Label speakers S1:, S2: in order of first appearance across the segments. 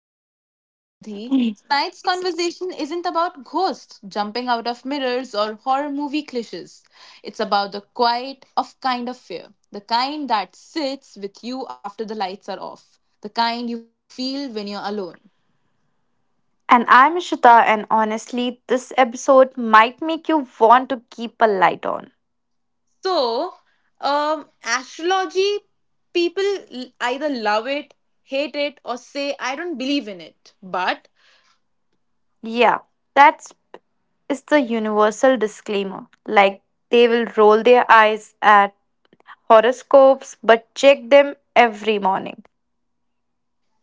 S1: back. I am Samriddhi.
S2: And
S1: Tonight's conversation isn't about ghosts jumping out of mirrors or horror movie cliches. It's about the quiet of kind of fear, the kind that sits with you after the lights are off, the kind you feel when you're alone.
S2: I'm Ishita, and honestly, this episode might make you want to keep a light on.
S1: So, Astrology people either love it, hate it, or say, I don't believe in it. But
S2: Yeah, that's is the universal disclaimer. Like they will roll their eyes at horoscopes, but check them every morning.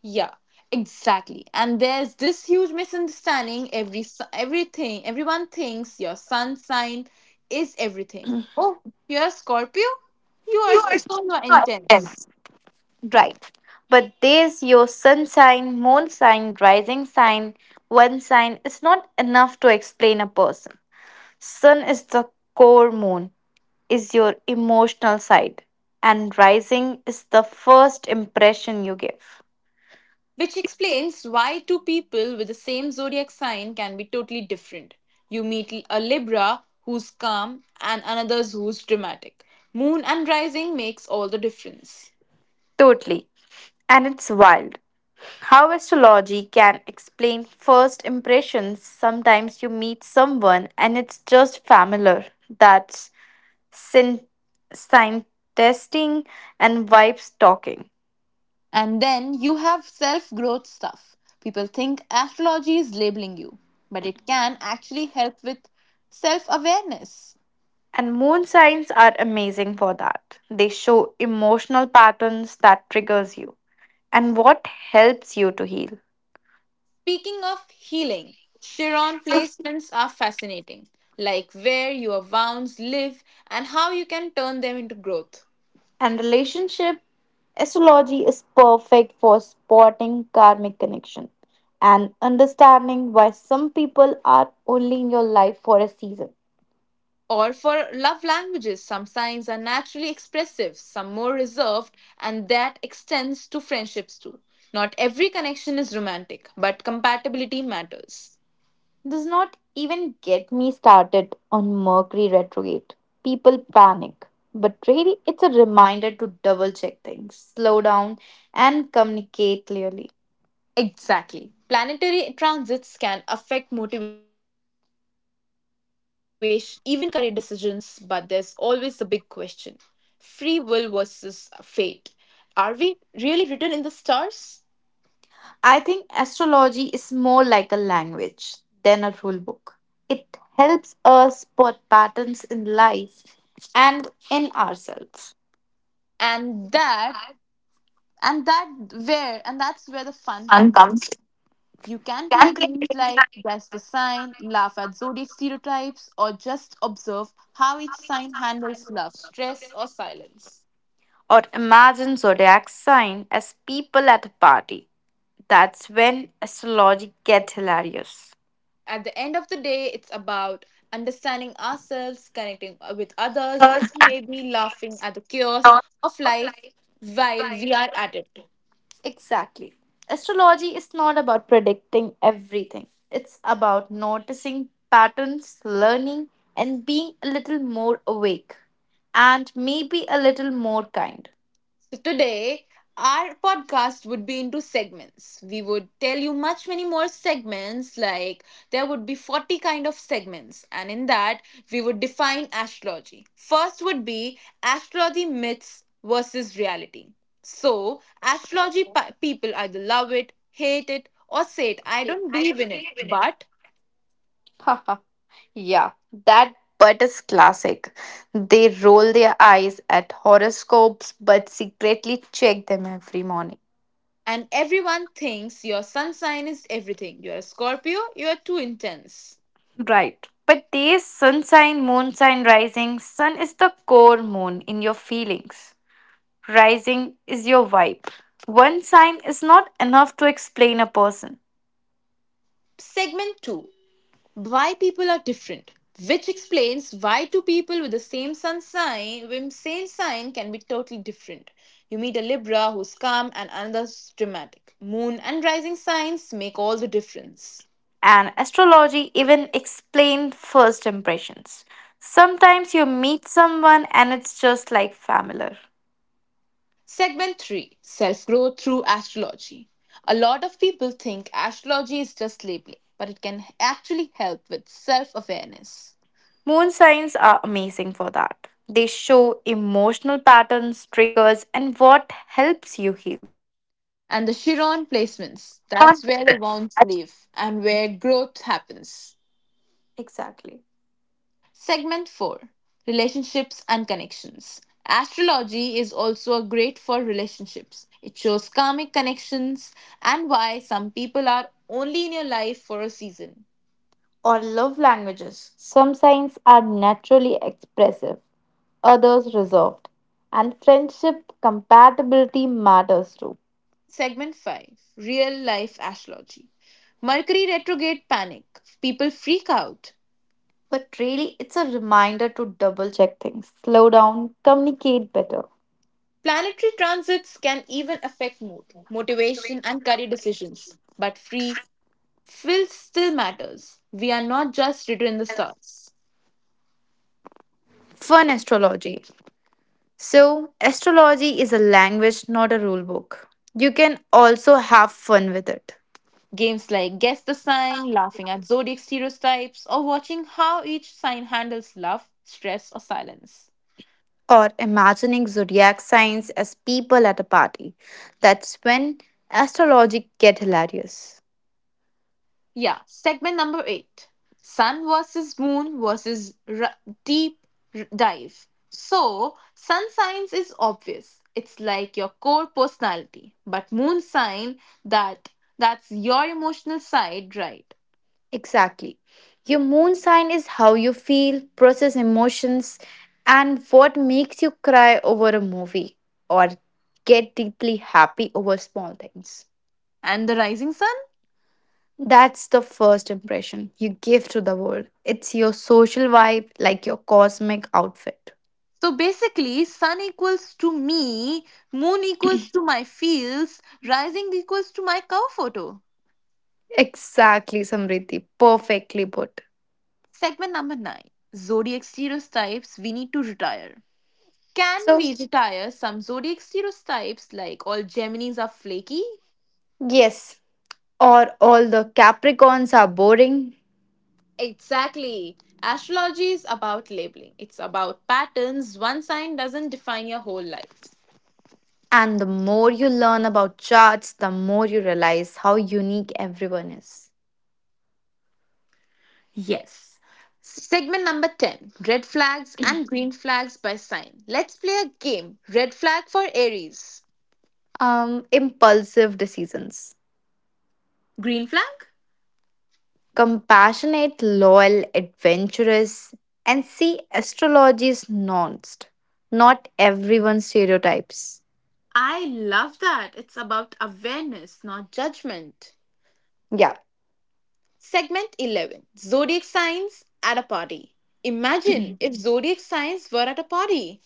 S1: yeah, exactly. And there's this huge misunderstanding. Everything everyone thinks your sun sign is everything. Oh, you're a Scorpio.
S2: You are
S1: You are
S2: so
S1: intense,
S2: intense. Right. But there's your sun sign, moon sign, rising sign. One sign is not enough to explain a person. Sun is the core moon is your emotional side, and rising is the first impression you give.
S1: which explains why two people with the same zodiac sign can be totally different. You meet a Libra who's calm and another's who's dramatic. Moon and rising makes all the difference.
S2: Totally. And it's wild how astrology can explain first impressions. Sometimes you meet someone and it's just familiar. That's sin- sign testing and vibes talking.
S1: And then you have self growth stuff. People think astrology is labeling you, but it can actually help with self awareness.
S2: And moon signs are amazing for that. They show emotional patterns that triggers you and what helps you to heal.
S1: Speaking of healing, Chiron placements are fascinating, like where your wounds live and how you can turn them into growth.
S2: And relationship astrology is perfect for spotting karmic connection and understanding why some people are only in your life for a season.
S1: Or for love languages, some signs are naturally expressive, some more reserved, and that extends to friendships too. Not every connection is romantic, but compatibility matters.
S2: Does not even get me started on Mercury retrograde. People panic, but really it's a reminder to double check things, slow down, and communicate clearly.
S1: Exactly. Planetary transits can affect motivation, mood, even career decisions, but there's always a big question: free will versus fate. Are we really written in the stars?
S2: I think astrology is more like a language than a rule book. It helps us spot patterns in life and in ourselves.
S1: And that, and that and that's where the fun comes in. You can play games like Guess the Sign, laugh at zodiac stereotypes, or just observe how each sign handles love, stress, or silence.
S2: Or imagine zodiac sign as people at a party. That's when astrology gets hilarious.
S1: At the end of the day, it's about understanding ourselves, connecting with others, and maybe laughing at the chaos of life while we are at it.
S2: Exactly. Astrology is not about predicting everything. It's about noticing patterns, learning, and being a little more awake and maybe a little more kind.
S1: So today, our podcast would be into segments. We would tell you much many more segments, like there would be 40 kind of segments, and in that we would define astrology. First would be astrology myths versus reality. So people either love it, hate it, or say it. I don't believe in it, but
S2: Haha, yeah, that but is classic. They roll their eyes at horoscopes but secretly check them every morning.
S1: and everyone thinks your sun sign is everything. You're a Scorpio, you're too intense.
S2: Right. But there is sun sign, moon sign, rising. Sun is the core moon in your feelings. Rising is your vibe. One sign is not enough to explain a person.
S1: Segment 2, why people are different, which explains why two people with the same sun sign, with same sign can be totally different. You meet a Libra who's calm and another's dramatic. Moon and rising signs make all the difference.
S2: And astrology even explain first impressions. Sometimes you meet someone and it's just like familiar.
S1: Segment 3, self growth through astrology. A lot of people think astrology is just labeling, but it can actually help with self awareness.
S2: Moon signs are amazing for that. They show emotional patterns, triggers, and what helps you heal.
S1: And the Chiron placements, that's where the wounds live and where growth happens.
S2: Exactly.
S1: Segment 4, relationships and connections. Astrology is also a great for relationships. It shows karmic connections and why some people are only in your life for a season.
S2: Or love languages. Some signs are naturally expressive, others reserved. And friendship compatibility matters too.
S1: Segment 5, real life astrology. Mercury retrograde panic. People freak out.
S2: But really, it's a reminder to double check things, slow down, communicate better.
S1: Planetary transits can even affect mood, motivation, and career decisions. But free will still matters. We are not just written in the stars.
S2: Fun astrology. So, astrology is a language, not a rule book. You can also have fun with it.
S1: Games like Guess the Sign, laughing at zodiac stereotypes, or watching how each sign handles love, stress, or silence.
S2: Or imagining zodiac signs as people at a party. That's when astrology get hilarious.
S1: Yeah, segment number eight, Sun versus Moon Deep Dive. So, sun signs is obvious. It's like your core personality, but moon sign that that's your emotional side, right?
S2: Exactly. Your moon sign is how you feel, process emotions, and what makes you cry over a movie or get deeply happy over small things.
S1: And the rising sun.
S2: That's the first impression you give to the world. It's your social vibe, like your cosmic outfit.
S1: So basically, sun equals to me, moon equals to my fields, rising equals to my cow photo.
S2: Exactly, Samriti. Perfectly put.
S1: Segment number 9, zodiac stereotypes we need to retire. Can
S2: So,
S1: we retire some zodiac stereotypes like all Geminis are flaky?
S2: yes, or all the Capricorns are boring.
S1: Exactly. Astrology is about labeling, it's about patterns. One sign doesn't define your whole life.
S2: And the more you learn about charts, the more you realize how unique everyone is.
S1: Yes. Segment number 10, red flags and green flags by sign. Let's play a game. Red flag for Aries.
S2: Impulsive decisions.
S1: Green flag?
S2: Compassionate, loyal, adventurous, and see astrology's nuanced, not everyone's stereotypes.
S1: I love that. It's about awareness, not judgment.
S2: Yeah.
S1: Segment 11, zodiac signs at a party. Imagine if zodiac signs were at a party.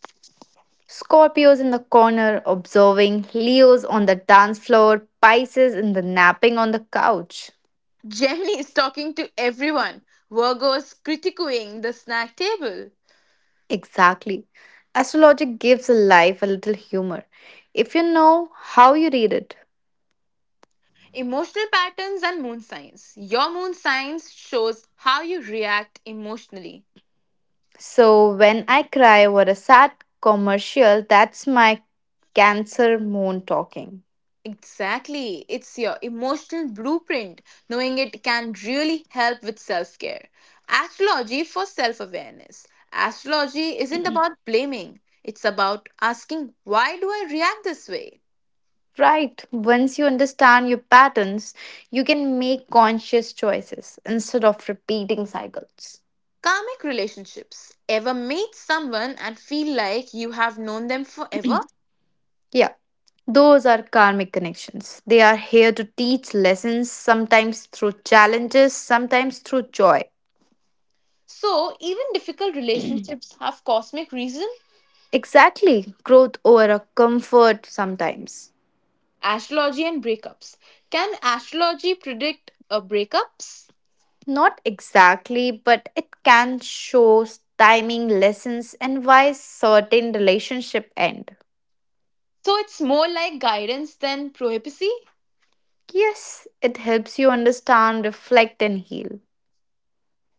S2: Scorpios in the corner observing, Leos on the dance floor, Pisces in the napping on the couch.
S1: Gemini is talking to everyone, Virgo is critiquing the snack table.
S2: Exactly. Astrology gives life a little humor if you know how you read it.
S1: Emotional patterns and moon signs. Your moon signs shows how you react emotionally.
S2: So when I cry over a sad commercial, that's my Cancer moon talking.
S1: Exactly. It's your emotional blueprint. Knowing it can really help with self care. Astrology for self awareness. Astrology isn't about blaming, it's about asking, why do I react this way?
S2: Right. Once you understand your patterns, you can make conscious choices instead of repeating cycles.
S1: Karmic relationships. Ever meet someone and feel like you have known them forever?
S2: Yeah. Those are karmic connections. They are here to teach lessons, sometimes through challenges, sometimes through joy.
S1: So, even difficult relationships have cosmic reasons.
S2: Exactly. Growth over a comfort sometimes.
S1: Astrology and breakups. Can astrology predict a breakups?
S2: Not exactly, but it can show timing lessons and why certain relationship end.
S1: So it's more like guidance than prophecy.
S2: Yes, it helps you understand, reflect and heal.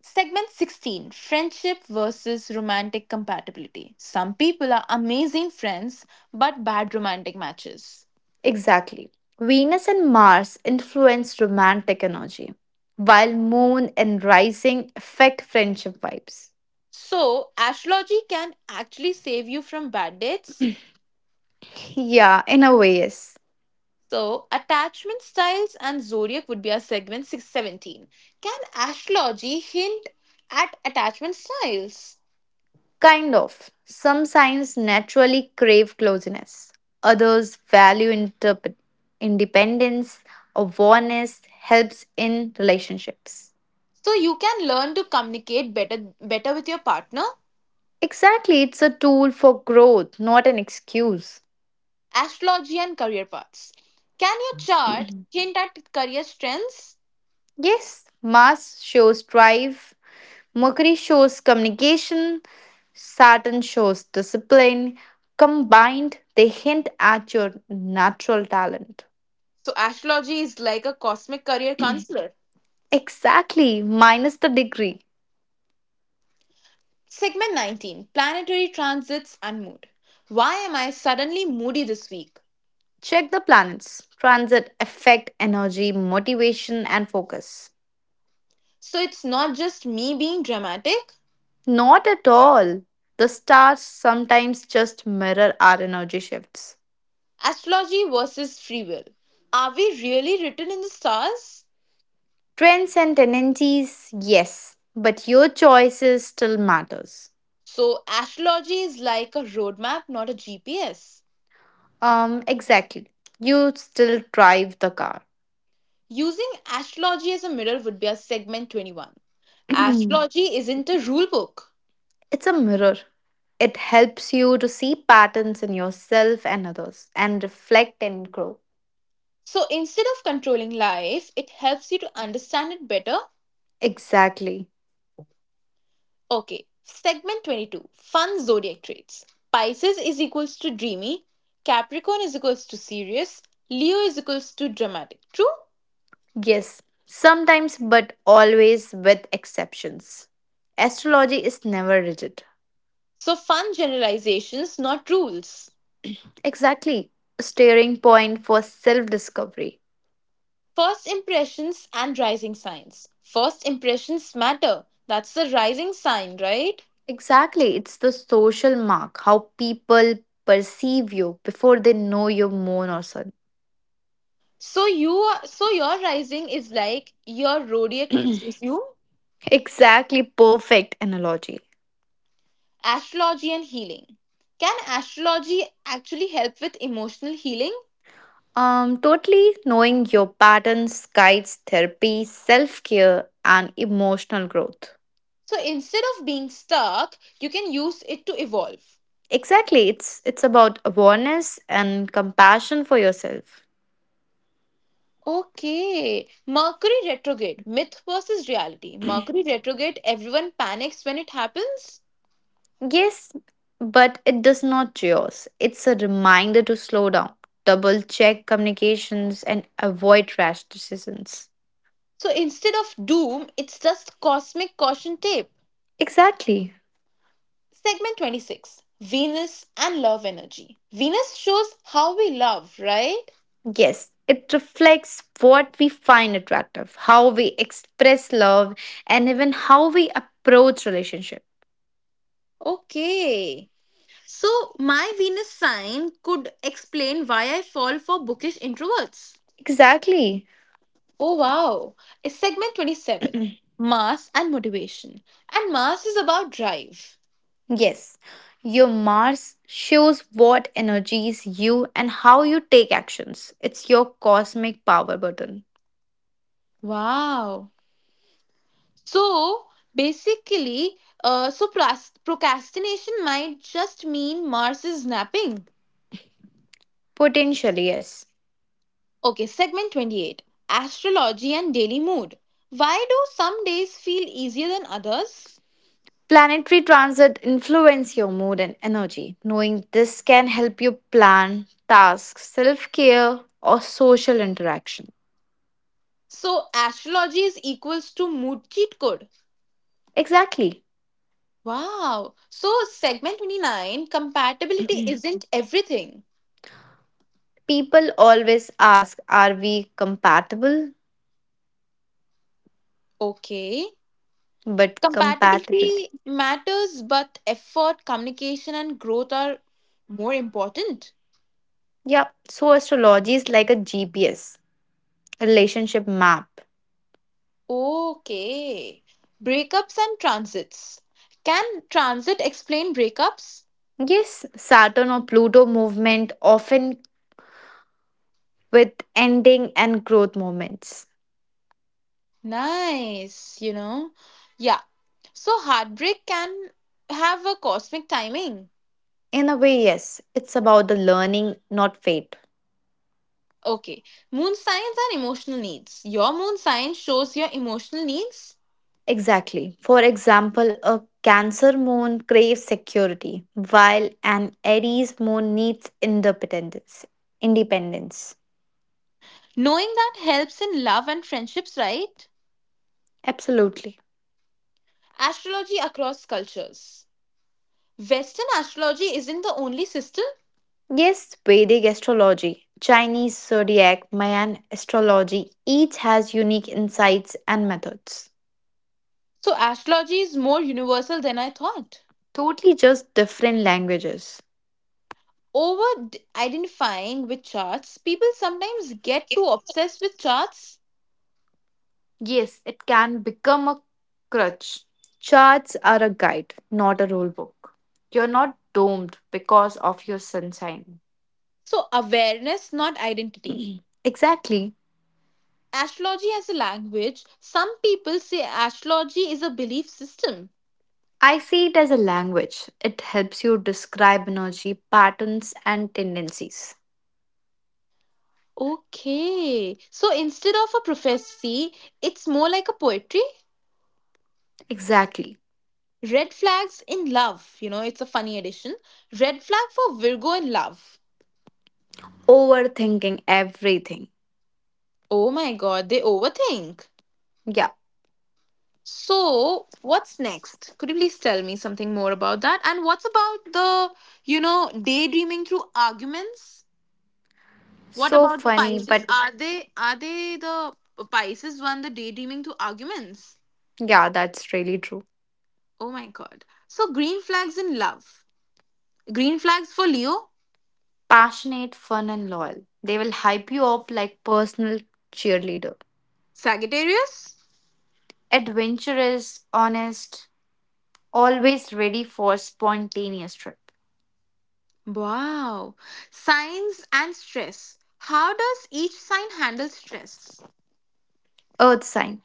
S1: Segment 16, friendship versus romantic compatibility. Some people are amazing friends but bad romantic matches.
S2: Exactly. Venus and Mars influence romantic energy, while moon and rising affect friendship vibes.
S1: So astrology can actually save you from bad dates.
S2: Yeah, in a way, yes.
S1: So attachment styles and zodiac would be our segment 617. Can astrology hint at attachment styles?
S2: Kind of. Some signs naturally crave closeness, others value independence. Awareness helps in relationships.
S1: So you can learn to communicate better with your partner.
S2: Exactly, it's a tool for growth, not an excuse.
S1: Astrology and career paths. Can your chart hint at career strengths?
S2: Yes, Mars shows drive, Mercury shows communication, Saturn shows discipline. Combined, they hint at your natural talent.
S1: So astrology is like a cosmic career counselor.
S2: Exactly, minus the degree.
S1: Segment 19, planetary transits and mood. Why am I suddenly moody this week?
S2: Check the planets. Transit affect energy, motivation, and focus.
S1: So it's not just me being dramatic.
S2: Not at all. The stars sometimes just mirror our energy shifts.
S1: Astrology versus free will. Are we really written in the stars?
S2: Trends and tendencies, yes, but your choices still matters.
S1: So astrology is like a roadmap, not a GPS.
S2: Exactly. You still drive the car.
S1: Using astrology as a mirror would be a segment 21. Astrology isn't a rule book.
S2: It's a mirror. It helps you to see patterns in yourself and others and reflect and grow.
S1: So instead of controlling life, it helps you to understand it better.
S2: Exactly.
S1: Okay, segment 22, fun zodiac traits. Pisces is equals to dreamy, Capricorn is equals to serious, Leo is equals to dramatic. True?
S2: Yes. Sometimes, but always with exceptions. Astrology is never rigid.
S1: So fun generalizations, not rules.
S2: Exactly. A steering point for self discovery.
S1: First impressions and rising signs. First impressions matter. That's the rising sign, right?
S2: Exactly. It's the social mark, how people perceive you before they know your moon or sun.
S1: So your rising is like your zodiac you.
S2: Exactly. Perfect analogy.
S1: Astrology and healing. Can astrology actually help with emotional healing?
S2: Totally knowing your patterns guides therapy, self-care, and emotional growth.
S1: So instead of being stuck, you can use it to evolve.
S2: Exactly, it's about awareness and compassion for yourself.
S1: Okay, Mercury retrograde, myth versus reality. Mercury retrograde, everyone panics when it happens.
S2: Yes, but it does not yours. It's a reminder to slow down, double check communications, and avoid rash decisions.
S1: So instead of doom, it's just cosmic caution tape.
S2: Exactly.
S1: Segment 26, Venus and love energy. Venus shows how we love, right?
S2: Yes, it reflects what we find attractive, how we express love, and even how we approach relationship.
S1: Okay. So, my Venus sign could explain why I fall for bookish introverts.
S2: Exactly.
S1: Oh, wow. It's segment 27, Mars and motivation. And Mars is about drive.
S2: Yes. Your Mars shows what energies you and how you take actions. It's your cosmic power button.
S1: Wow. So, basically, so procrastination might just mean Mars is napping.
S2: Potentially, yes.
S1: Okay, segment 28, astrology and daily mood. Why do some days feel easier than others?
S2: Planetary transit influence your mood and energy. Knowing this can help you plan tasks, self-care, or social interaction.
S1: So astrology is equals to mood cheat code.
S2: Exactly.
S1: Wow. So segment 29, compatibility isn't everything.
S2: People always ask, are we compatible?
S1: Okay.
S2: But compatibility.
S1: Compatibility matters but effort, communication and growth are more important.
S2: Yeah, so astrology is like a GPS relationship map.
S1: Okay. Breakups and transits. Can transit explain breakups?
S2: Yes, Saturn or Pluto movement often with ending and growth moments.
S1: Nice, you know. Yeah. So heartbreak can have a cosmic timing.
S2: In a way, yes, it's about the learning, not fate.
S1: Okay. Moon signs are emotional needs. Your moon sign shows your emotional needs.
S2: Exactly. For example, a Cancer moon craves security, while an Aries moon needs independence. Independence.
S1: Knowing that helps in love and friendships, right?
S2: Absolutely.
S1: Astrology across cultures. Western astrology isn't the only system.
S2: Yes, Vedic astrology, Chinese zodiac, Mayan astrology each has unique insights and methods.
S1: So astrology is more universal than I thought.
S2: Totally just different languages.
S1: Identifying with charts, people sometimes get too obsessed with charts.
S2: Yes, it can become a crutch. Charts are a guide, not a rule book. You're not doomed because of your sunshine.
S1: So, awareness, not identity.
S2: Exactly.
S1: Astrology as a language. Some people say astrology is a belief system.
S2: I see it as a language. It helps you describe energy, patterns, and tendencies.
S1: Okay. So instead of a prophecy, it's more like a poetry.
S2: Exactly.
S1: Red flags in love. You know, it's a funny addition. Red flag for Virgo in love.
S2: Overthinking everything.
S1: Oh my god, they overthink.
S2: Yeah.
S1: So, what's next? Could you please tell me something more about that? And what's about the, you know, daydreaming through arguments? What
S2: So
S1: about the
S2: funny,
S1: Pisces?
S2: but
S1: Are they the Pisces one, the daydreaming through arguments?
S2: yeah, that's really true.
S1: Oh my god. So green flags in love. Green flags for Leo,
S2: Passionate, fun, and loyal. They will hype you up like Personal cheerleader.
S1: Sagittarius.
S2: Adventurous, honest, always ready for spontaneous trip.
S1: Wow. Signs and stress. How does each sign handle stress?
S2: Earth sign,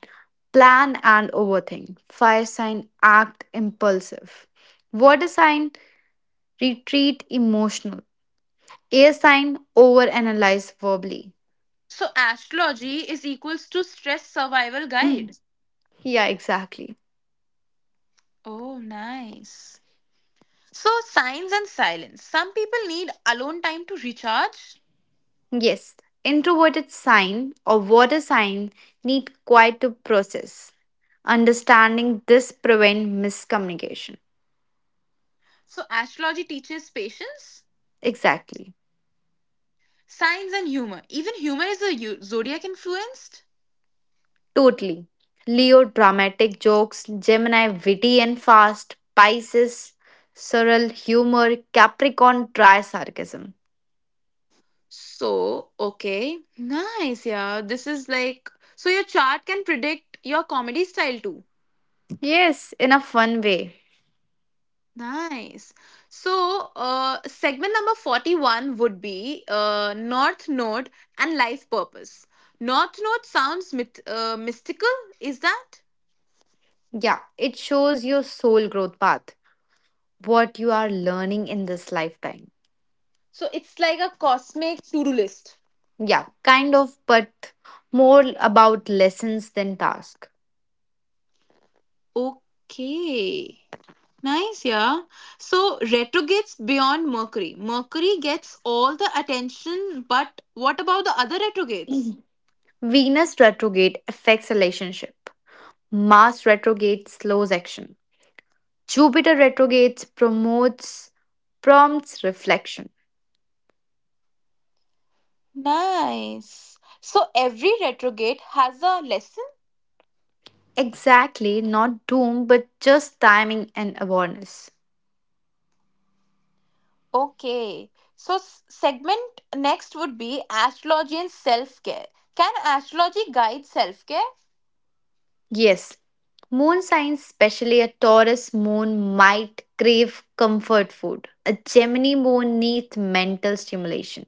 S2: plan and overthink. Fire sign, act impulsive. Water sign, retreat emotional. Air sign, overanalyze verbally.
S1: So astrology is equals to stress survival guide.
S2: Yeah, exactly.
S1: Oh, nice. So signs and silence. Some people need alone time to recharge.
S2: Yes, introverted sign or water sign need quiet to process. Understanding this prevent miscommunication.
S1: So astrology teaches patience,
S2: Exactly.
S1: signs and humor. Even humor is zodiac influenced.
S2: Totally. Leo dramatic jokes, Gemini witty and fast, Pisces surreal humor, Capricorn dry sarcasm.
S1: So, okay. Nice, yeah. This is like so your chart can predict your comedy style too.
S2: Yes, in a fun way.
S1: Nice. So, segment number 41 would be North Node and life purpose. North Node sounds mystical, is that?
S2: Yeah, it shows your soul growth path, what you are learning in this lifetime.
S1: So, it's like a cosmic to-do list.
S2: Yeah, kind of, but more about lessons than task.
S1: Okay. Nice, yeah. So Retro gets beyond Mercury. Mercury gets all the attention, but what about the other retrogrades?
S2: Venus retrograde affects relationship. Mars retrograde slows action. Jupiter retrogrades promotes prompts reflection.
S1: Nice. So every retrograde has a lesson?
S2: Exactly, not doom, but just timing and awareness.
S1: Okay. So segment next would be astrology and self-care. Can astrology guide self-care?
S2: Yes, moon signs, especially a Taurus moon, might crave comfort food. A Gemini moon needs mental stimulation.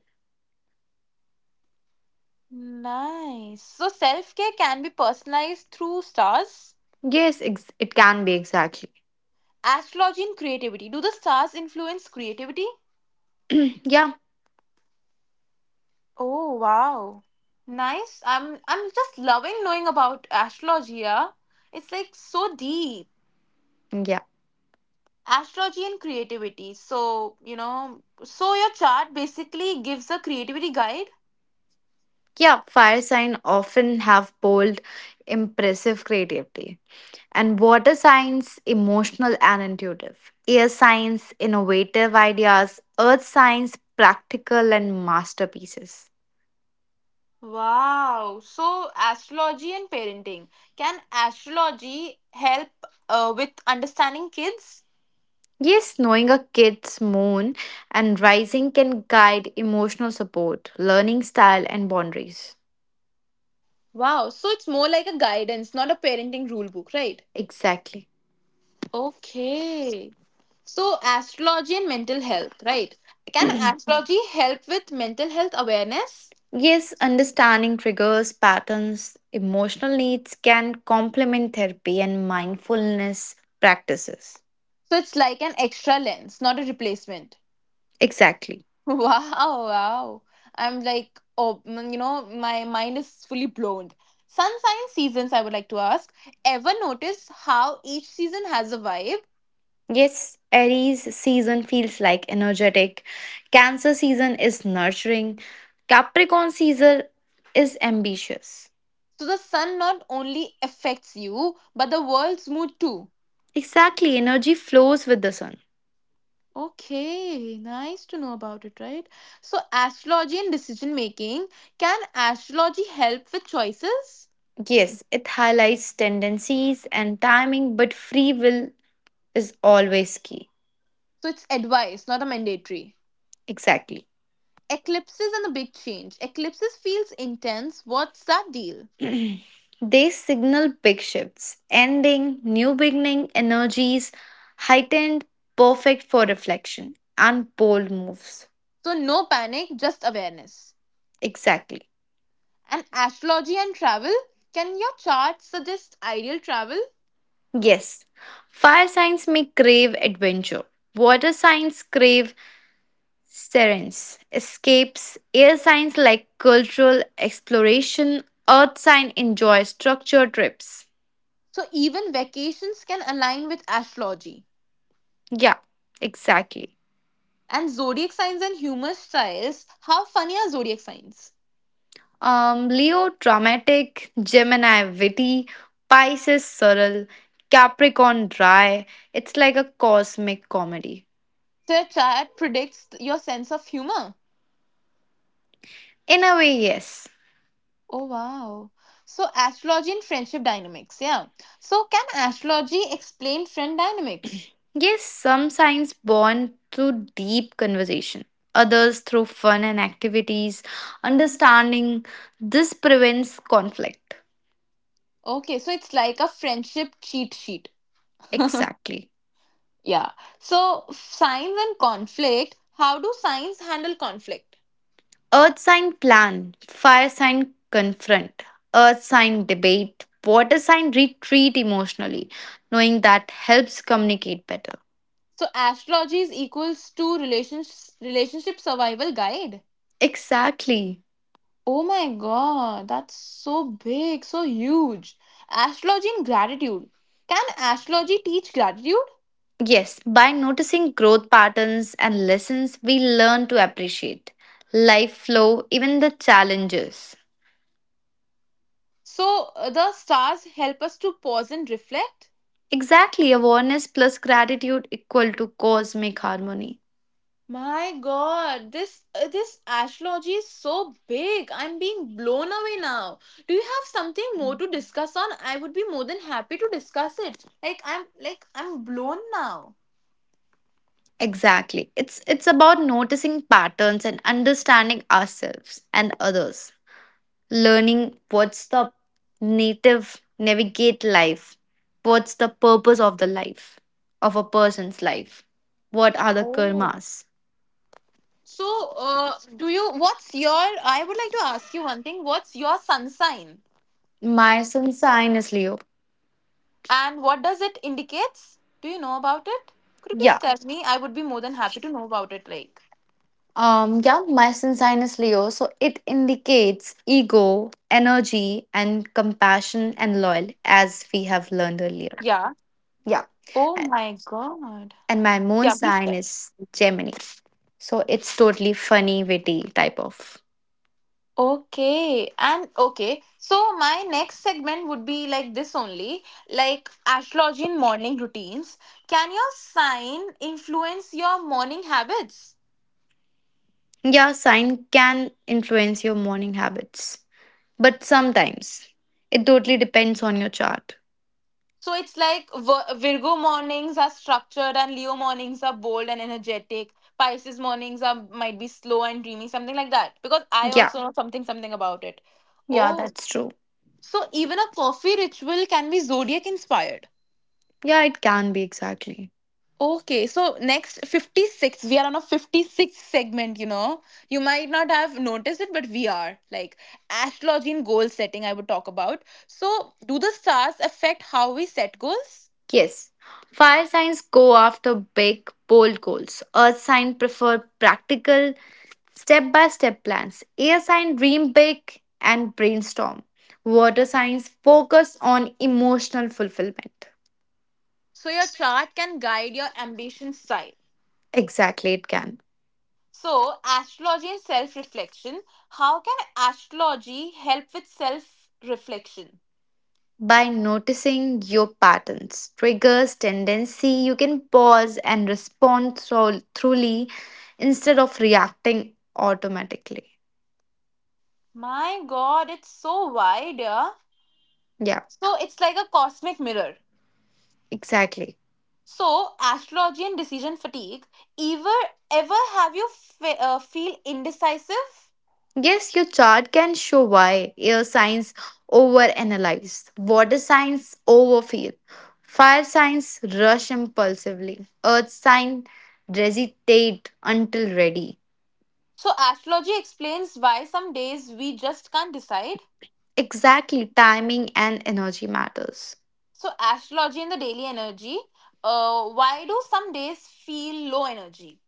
S1: Nice. So self-care can be personalized through stars.
S2: Yes, it can be exactly.
S1: Astrology and creativity. Do the stars influence creativity?
S2: Yeah,
S1: Oh wow. Nice. I'm just loving knowing about astrology. Yeah? It's like so deep.
S2: yeah.
S1: Astrology and creativity. So, you know, so your chart basically gives a creativity guide.
S2: Yeah, fire sign often have bold, impressive creativity, and water signs emotional and intuitive. Air signs innovative ideas, earth signs practical and masterpieces.
S1: Wow. So, astrology and parenting. Can astrology help with understanding kids?
S2: Yes, knowing a kid's moon and rising can guide emotional support, learning style and boundaries.
S1: Wow. So, it's more like a guidance, not a parenting rule book, right?
S2: Exactly.
S1: Okay. So, astrology and mental health, right? Can astrology help with mental health awareness?
S2: Yes, understanding triggers, patterns, emotional needs can complement therapy and mindfulness practices.
S1: So, it's like an extra lens, not a replacement.
S2: Exactly.
S1: Wow, wow. I'm like, you know, my mind is fully blown. Sun sign seasons, I would like to ask. Ever notice how each season has a vibe?
S2: Yes, Aries season feels like energetic. Cancer season is nurturing. Capricorn season is ambitious.
S1: So, the sun not only affects you, but the world's mood too.
S2: Exactly, energy flows with the sun.
S1: Okay, nice to know about it, right? So, astrology and decision making. Can astrology help with choices?
S2: Yes, it highlights tendencies and timing, but free will is always key.
S1: So, it's advice, not a mandatory.
S2: Exactly.
S1: Eclipses and the big change. Eclipses feels intense. What's that deal?
S2: They signal big shifts, ending, new beginning energies, heightened, perfect for reflection, and bold moves.
S1: So, no panic, just awareness.
S2: Exactly.
S1: And astrology and travel. Can your chart suggest ideal travel?
S2: Yes, fire signs may crave adventure. Water signs crave serence, escapes. Air signs like cultural exploration. Earth sign enjoys structured trips.
S1: So, even vacations can align with astrology.
S2: Yeah, exactly.
S1: And zodiac signs and humor styles. How funny are zodiac signs?
S2: Leo, dramatic, Gemini, witty, Pisces, subtle, Capricorn, dry. It's like a cosmic comedy.
S1: So your chart predicts your sense of humor.
S2: In a way, yes.
S1: Oh wow. So astrology and friendship dynamics, yeah. So can astrology explain friend dynamics?
S2: Yes, some signs bond through deep conversation, others through fun and activities. Understanding this prevents conflict.
S1: Okay, so it's like a friendship cheat sheet.
S2: Exactly.
S1: Yeah. So signs and conflict, how do signs handle conflict?
S2: Earth sign plan, fire sign confront, earth sign debate, water sign retreat emotionally. Knowing that helps communicate better.
S1: So astrology is equals to relationship survival guide.
S2: Exactly.
S1: Oh my god, that's so big, so huge. Astrology and gratitude. Can astrology teach gratitude?
S2: Yes, by noticing growth patterns and lessons, we learn to appreciate life flow, even the challenges.
S1: So the stars help us to pause and reflect.
S2: Exactly, awareness plus gratitude equal to cosmic harmony.
S1: My God, this this astrology is so big. I'm being blown away now. Do you have something more to discuss on? I would be more than happy to discuss it. Like I'm blown now.
S2: Exactly. It's about noticing patterns and understanding ourselves and others, learning what's the native navigate life, what's the purpose of the life of a person's life, what are the
S1: Oh.
S2: karmas.
S1: So, do you? What's your? I would like to ask you one thing. What's your sun sign,
S2: My sun sign is Leo.
S1: and what does it indicates? Do you know about it? Could you please
S2: Yeah,
S1: tell me? I would be more than happy to know about it. Like,
S2: yeah, my sun sign is Leo, so it indicates ego energy and compassion and loyal as we have
S1: yeah.
S2: learned earlier. Yeah.
S1: Oh my
S2: A-
S1: god.
S2: and my
S1: Yeah,
S2: moon
S1: please tell.
S2: sign is Gemini, so it's totally funny witty type of.
S1: Okay. And okay. So my next segment would be like this only, like astrology in morning routines. Can your sign influence your morning habits?
S2: Yeah, sign can influence your morning habits, but sometimes it totally depends on your chart.
S1: So it's like Virgo mornings are structured and Leo mornings are bold and energetic. Pisces mornings are might be slow and dreamy, something like that. Because I
S2: Yeah,
S1: also know something about it.
S2: yeah,
S1: Oh,
S2: that's true.
S1: so even a coffee ritual can be zodiac inspired.
S2: Yeah, it can be exactly.
S1: Okay, so next 56, we are on a 56 segment, you know. You might not have noticed it, but we are. Like astrology and goal setting, I would talk about. So, do the stars affect how we set goals?
S2: Yes. Fire signs go after big, bold goals. Earth sign prefer practical, step by step plans. Air sign dream big and brainstorm. Water signs focus on emotional fulfillment.
S1: So, your chart can guide your ambition side.
S2: Exactly, it can.
S1: So, astrology and self reflection. How can astrology help with self reflection?
S2: By noticing your patterns, triggers, tendency, you can pause and respond truly instead of reacting automatically.
S1: My god, it's so wide, yeah.
S2: Yeah,
S1: So, it's like a cosmic mirror.
S2: exactly.
S1: So, astrology and decision fatigue. Ever ever have you feel indecisive?
S2: Yes, your chart can show why air signs overanalyze, water signs overfeel, fire signs rush impulsively, earth sign hesitate until ready.
S1: So, astrology explains why some days we just can't decide.
S2: Exactly, timing and energy matters.
S1: So, astrology and the daily energy. Why do some days feel low energy?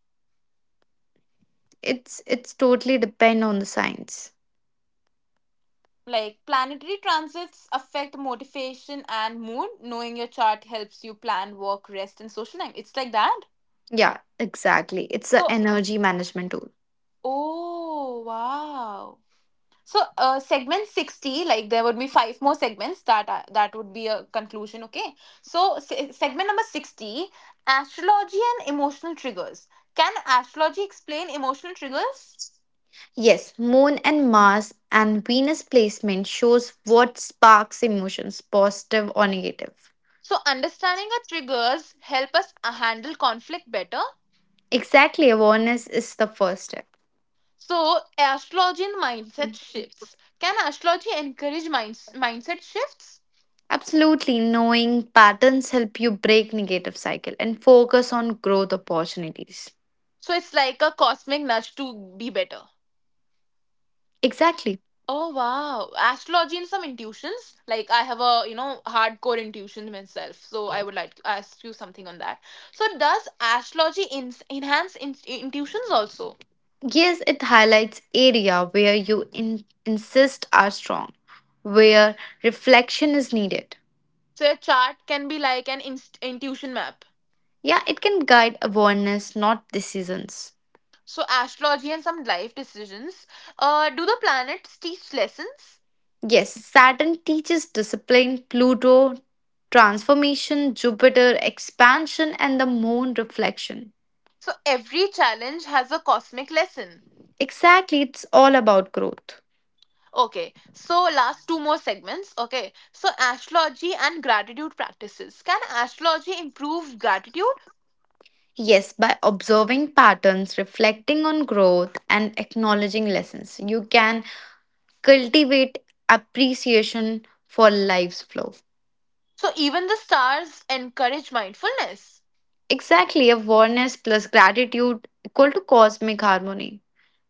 S2: It's totally depend on the science.
S1: Like planetary transits affect motivation and mood. Knowing your chart helps you plan work, rest, and social time. It's like that.
S2: Yeah, exactly. It's a
S1: So,
S2: energy management tool.
S1: oh wow. So, segment 60, like there would be five more segments that are, that would be a conclusion, okay? So, segment number 60, astrology and emotional triggers. Can astrology explain emotional triggers?
S2: Yes, moon and Mars and Venus placement shows what sparks emotions, positive or negative.
S1: So, understanding our triggers help us handle conflict better.
S2: Exactly, awareness is the first step.
S1: So, astrology and mindset shifts. Can astrology encourage mindset shifts?
S2: Absolutely, knowing patterns help you break negative cycle and focus on growth opportunities.
S1: So, it's like a cosmic nudge to be better.
S2: Exactly.
S1: Oh wow. Astrology and some intuitions. Like I have a, you know, hardcore intuition myself. So I Oh. would like to ask you something on that. So does astrology enhance intuitions also?
S2: Yes, it highlights area where you insist are strong, where reflection is needed.
S1: So your chart can be like an intuition map.
S2: Yeah, it can guide awareness, not decisions.
S1: So astrology and some life decisions. Do the planets teach lessons?
S2: Yes, Saturn teaches discipline, Pluto, transformation, Jupiter, expansion, and the moon reflection.
S1: So every challenge has a cosmic lesson.
S2: Exactly, it's all about growth.
S1: Okay, so last two more segments. Okay, so astrology and gratitude practices. Can astrology improve gratitude?
S2: Yes, by observing patterns, reflecting on growth, and acknowledging lessons, you can cultivate appreciation for life's flow.
S1: So even the stars encourage mindfulness.
S2: Exactly, awareness plus gratitude equal to cosmic harmony.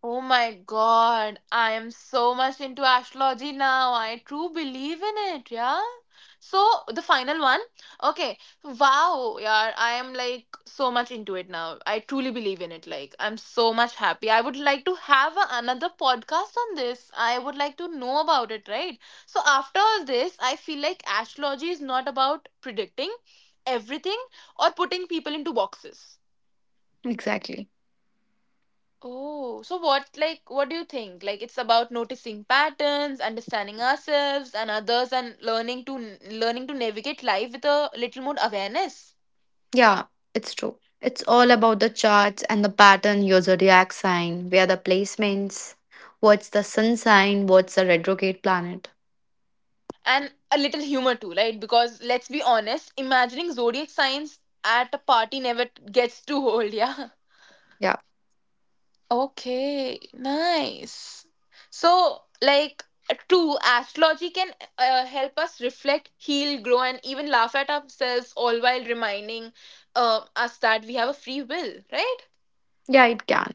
S1: Oh my god, I am so much into astrology now. I true believe in it, yeah. So the final one. Okay. Wow, yeah, I am like so much into it now. I truly believe in it. Like I'm so much happy. I would like to have a, another podcast on this. I would like to know about it, right? So after all this, I feel like astrology is not about predicting everything or putting people into boxes.
S2: Exactly.
S1: Oh, so what, like, what do you think? Like, it's about noticing patterns, understanding ourselves and others, and learning to navigate life with a little more awareness
S2: Yeah, it's true. It's all about the charts and the pattern, your zodiac sign, where the placements, what's the sun sign, what's the retrograde planet.
S1: and a little humor too, right? Because let's be honest, imagining zodiac signs at a party never gets too old, yeah.
S2: Yeah,
S1: Okay, nice. So, like, true, astrology can help us reflect, heal, grow, and even laugh at ourselves, all while reminding us that we have a free will, right?
S2: yeah, it can.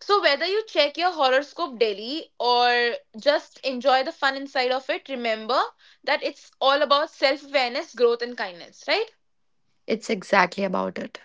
S1: So, whether you check your horoscope daily or just enjoy the fun inside of it, remember that it's all about self awareness, growth, and kindness, right?
S2: It's exactly about it.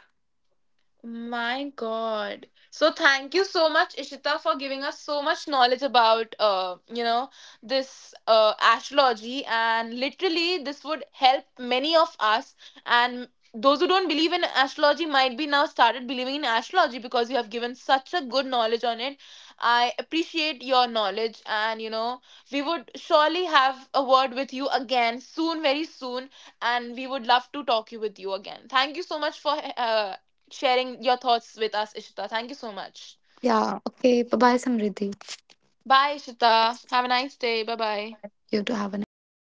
S1: My God. So thank you so much, Ishita, for giving us so much knowledge about you know, this astrology and literally this would help many of us and those who don't believe in astrology might be now started believing in astrology because you have given such a good knowledge on it. I appreciate your knowledge and you know, we would surely have a word with you again soon, very soon and we would love to talk you with you again. Thank you so much for sharing your thoughts with us, Ishita. Thank you so much.
S2: Yeah, okay. Bye bye, Samriddhi.
S1: Bye, Ishita. Have a nice day. Bye bye.
S2: You too have a nice day.